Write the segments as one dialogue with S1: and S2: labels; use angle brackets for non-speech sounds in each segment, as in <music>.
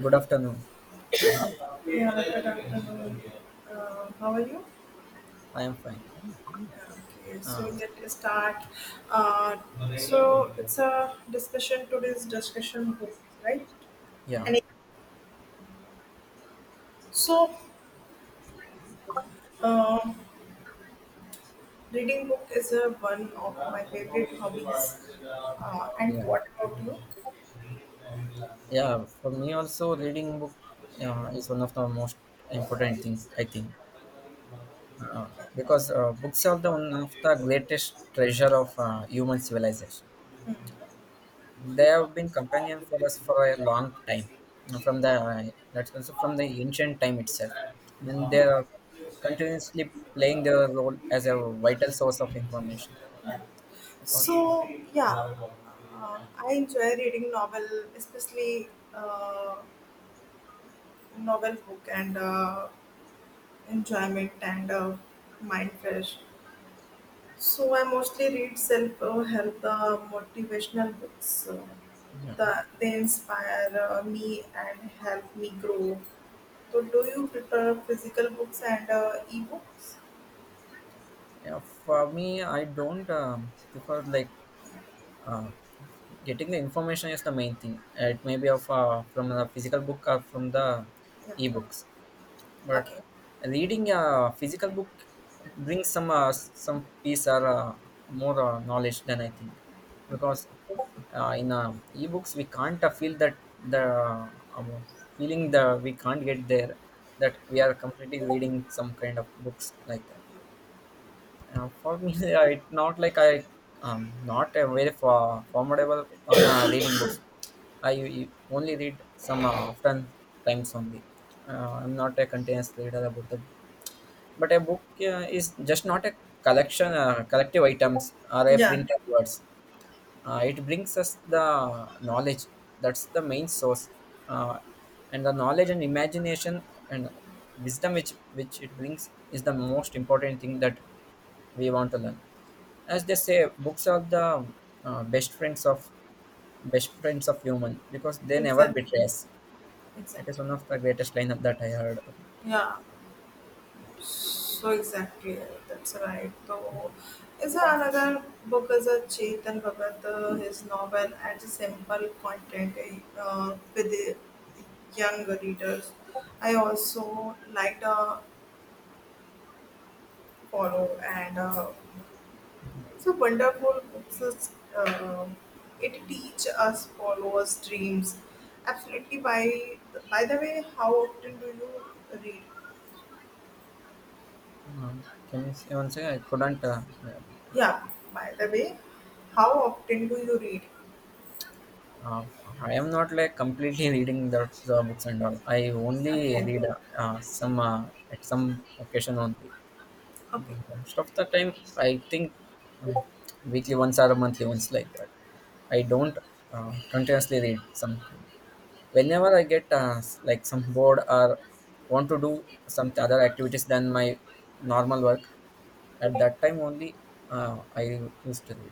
S1: Good afternoon.
S2: Yeah, good afternoon. How are you?
S1: I am fine.
S2: Okay, so
S1: Uh,
S2: let's start. Uh, so it's a discussion. Today's discussion book, right?
S1: yeah,
S2: And it- So, uh, Reading book is one of my favorite hobbies. And
S1: yeah,
S2: what about you?
S1: yeah. For me also, reading book is one of the most important things I think, uh, because books are the one of the greatest treasure of human civilization. They have been companion for us for a long time, you from the let's also from the ancient time itself, and they are continuously playing their role as a vital source of information. Because
S2: So yeah, I enjoy reading novel, especially uh, novel book and enjoyment and mind fresh. So I mostly read self help motivational books.
S1: yeah.
S2: They inspire me and help me grow. So do you prefer physical books and ebooks?
S1: Yeah, for me, I don't prefer like uh, getting the information is the main thing. It may be of from the physical book or from the
S2: Yeah.
S1: ebooks, but
S2: Okay.
S1: reading a physical book brings some peace or more knowledge than I think, because in ebooks we can't feel that the um, feeling the we can't get there that we are completely reading some kind of books like that. For me, <laughs> it's not like I not a very formidable <coughs> reading books. I only read some often times only. I'm not a continuous reader about the book, but a book is just not a collective items or a
S2: Yeah.
S1: printed words it brings us the knowledge, that's the main source, uh, and the knowledge and imagination and wisdom which it brings is the most important thing that we want to learn, as they say books are the uh, best friends of best friends of human because they never
S2: Exactly.
S1: betray us. It is
S2: Exactly.
S1: one of the greatest line that I heard.
S2: Yeah. So exactly, that's right. So is there another book is a Chetan Bhagat, his novel adds a simple content with the young readers. I also like to follow and it's a wonderful books. Uh, it teach us followers dreams. Absolutely. By the way, how often do you read?
S1: um, can you say once again, I couldn't
S2: Yeah. By the way, how often do you read?
S1: Uh, I am not like completely reading the books and all. I only
S2: Okay.
S1: read some at some occasion only.
S2: Okay.
S1: Most of the time, I think uh, weekly once or monthly once like that. I don't continuously read some. Whenever I get like some bored or want to do some other activities than my normal work, at that time only I used to read.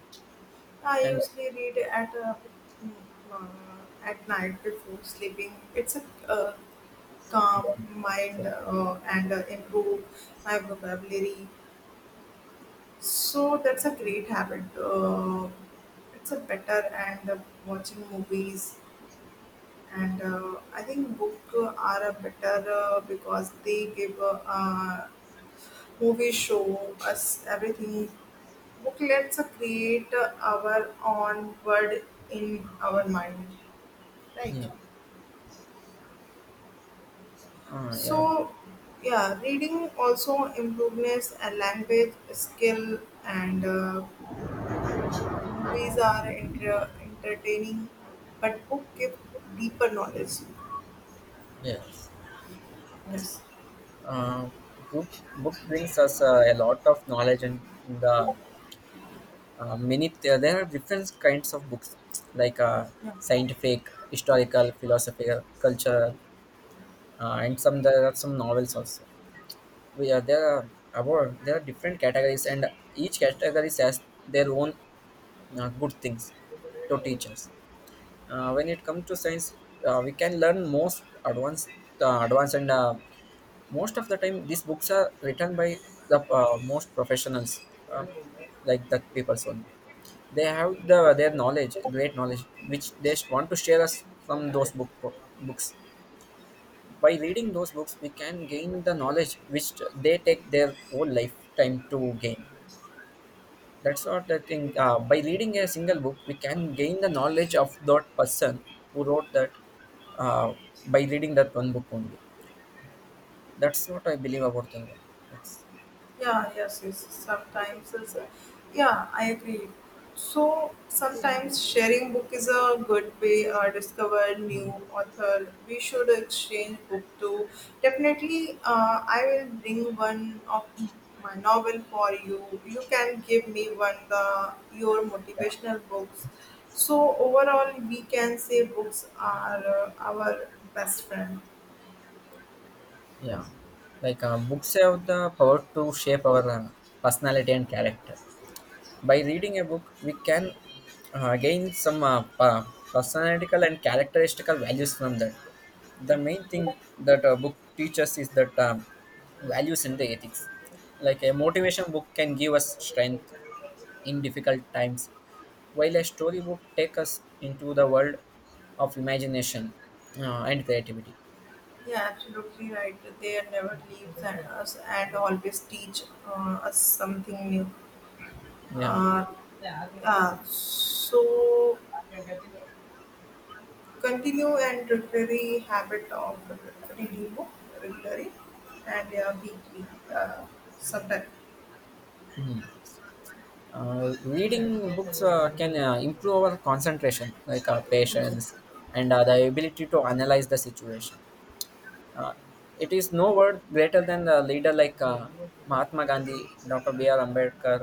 S2: I
S1: And
S2: usually read at mm, at night before sleeping. It's a calm
S1: um,
S2: mind
S1: so,
S2: and improve my vocabulary. So that's a great habit. It's a better and watching movies and I think book are a better because they give a movie show us everything. Booklets create our own world in our mind, right?
S1: yeah, uh, yeah,
S2: So, yeah, reading also improves a language skill, and movies are entertaining, but book give deeper knowledge.
S1: yes.
S2: Yes.
S1: uh, book Book brings us a lot of knowledge, and the many there are different kinds of books like
S2: Yeah.
S1: scientific, historical, philosophical, cultural, and some there are some novels also, we are there are about there are different categories, and each category has their own good things to teach us. When it comes to science, we can learn most advanced, advanced and most of the time these books are written by the most professionals, uh, like that people's only, they have their knowledge, great knowledge which they want to share us from those book books. By reading those books we can gain the knowledge which they take their whole lifetime to gain, that's what I think. By reading a single book, we can gain the knowledge of that person who wrote that, uh, by reading that one book only. That's what I believe about thinking. That's,
S2: Yeah, yes, yes. Sometimes it's a, yeah, I agree. So sometimes sharing book is a good way discover new author. We should exchange book too. Definitely, I will bring one of my novel for you. You can give me one the your
S1: yeah,
S2: motivational books. So overall, we can say books are our best friend.
S1: yeah. Like books have the power to shape our personality and character. By reading a book we can gain some personality and characteristical values from that. The
S2: Yeah.
S1: main thing that a book teaches is that values and the ethics, like a motivation book can give us strength in difficult times, while a story book take us into the world of imagination and creativity.
S2: Yeah, absolutely right. They never leave us and always teach us something new.
S1: yeah
S2: Uh, yeah, so continue and regularly habit of reading book regularly and yeah, weekly uh, sometime.
S1: Reading books can improve our concentration, like our patience, and the ability to analyze the situation. uh, it is no word greater than the leader like Mahatma Gandhi, Dr. B.R. Ambedkar,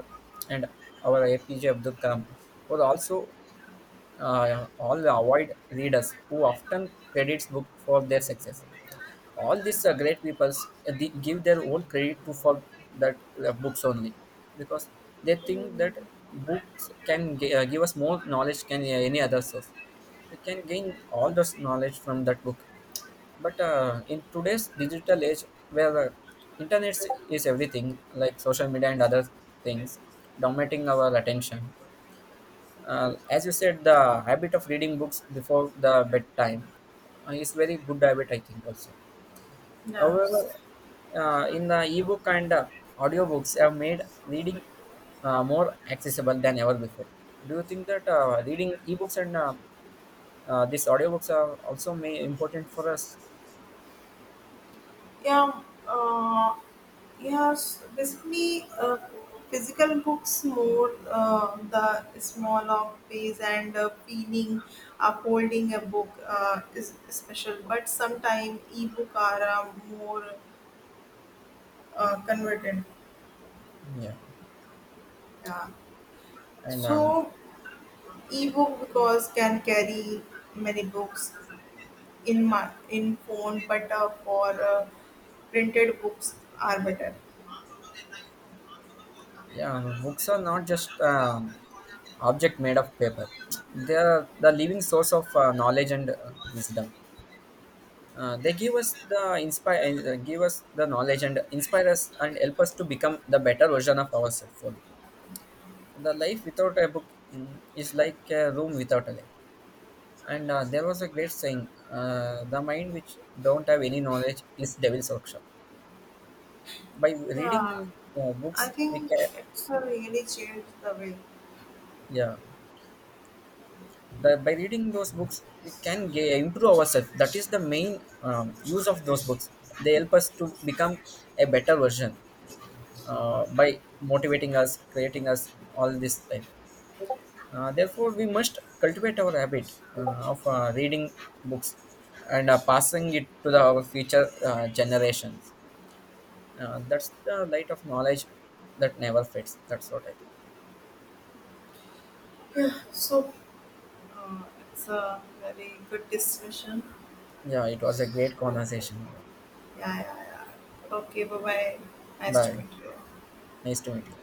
S1: and our APJ Abdul Kalam were also all the avoid readers who often credits book for their success. All these great peoples, they give their own credit to for that books only, because they think that books can give us more knowledge than any other source. We can gain all this knowledge from that book. But in today's digital age, where internet is everything, like social media and other things dominating our attention, as you said, the habit of reading books before the bedtime is very good habit, I think also.
S2: Yeah,
S1: However, in the ebook and audiobooks have made reading more accessible than ever before. Do you think that reading ebooks and these audiobooks are also may important for us?
S2: yeah. Uh, Yeah, s basically, physical books more the small of page and feeling of holding a book is special. But sometimes ebook are more converted.
S1: Yeah,
S2: Yeah.
S1: and
S2: So ebook because can carry many books in my in phone, but for printed books are better.
S1: yeah, books are not just object made of paper. They are the living source of knowledge and wisdom. They give us the inspire, give us the knowledge and inspire us and help us to become the better version of ourselves. The life without a book, mm, is like a room without a light. And there was a great saying, the mind which don't have any knowledge is devil's workshop. By
S2: Yeah,
S1: reading
S2: I
S1: books we
S2: think
S1: can,
S2: it's really changed the way.
S1: yeah, the, by reading those books we can ga improve ourselves, that is the main use of those books. They help us to become a better version by motivating us, creating us all this time. Therefore, we must cultivate our habit of reading books and passing it to our future generations. That's the light of knowledge that never fades. That's what I think.
S2: Yeah, so Uh, it's a very good discussion.
S1: Yeah, it was a great
S2: So,
S1: conversation.
S2: yeah, yeah, yeah. Okay, bye bye. Nice to
S1: Bye.
S2: meet you.
S1: Nice to meet you.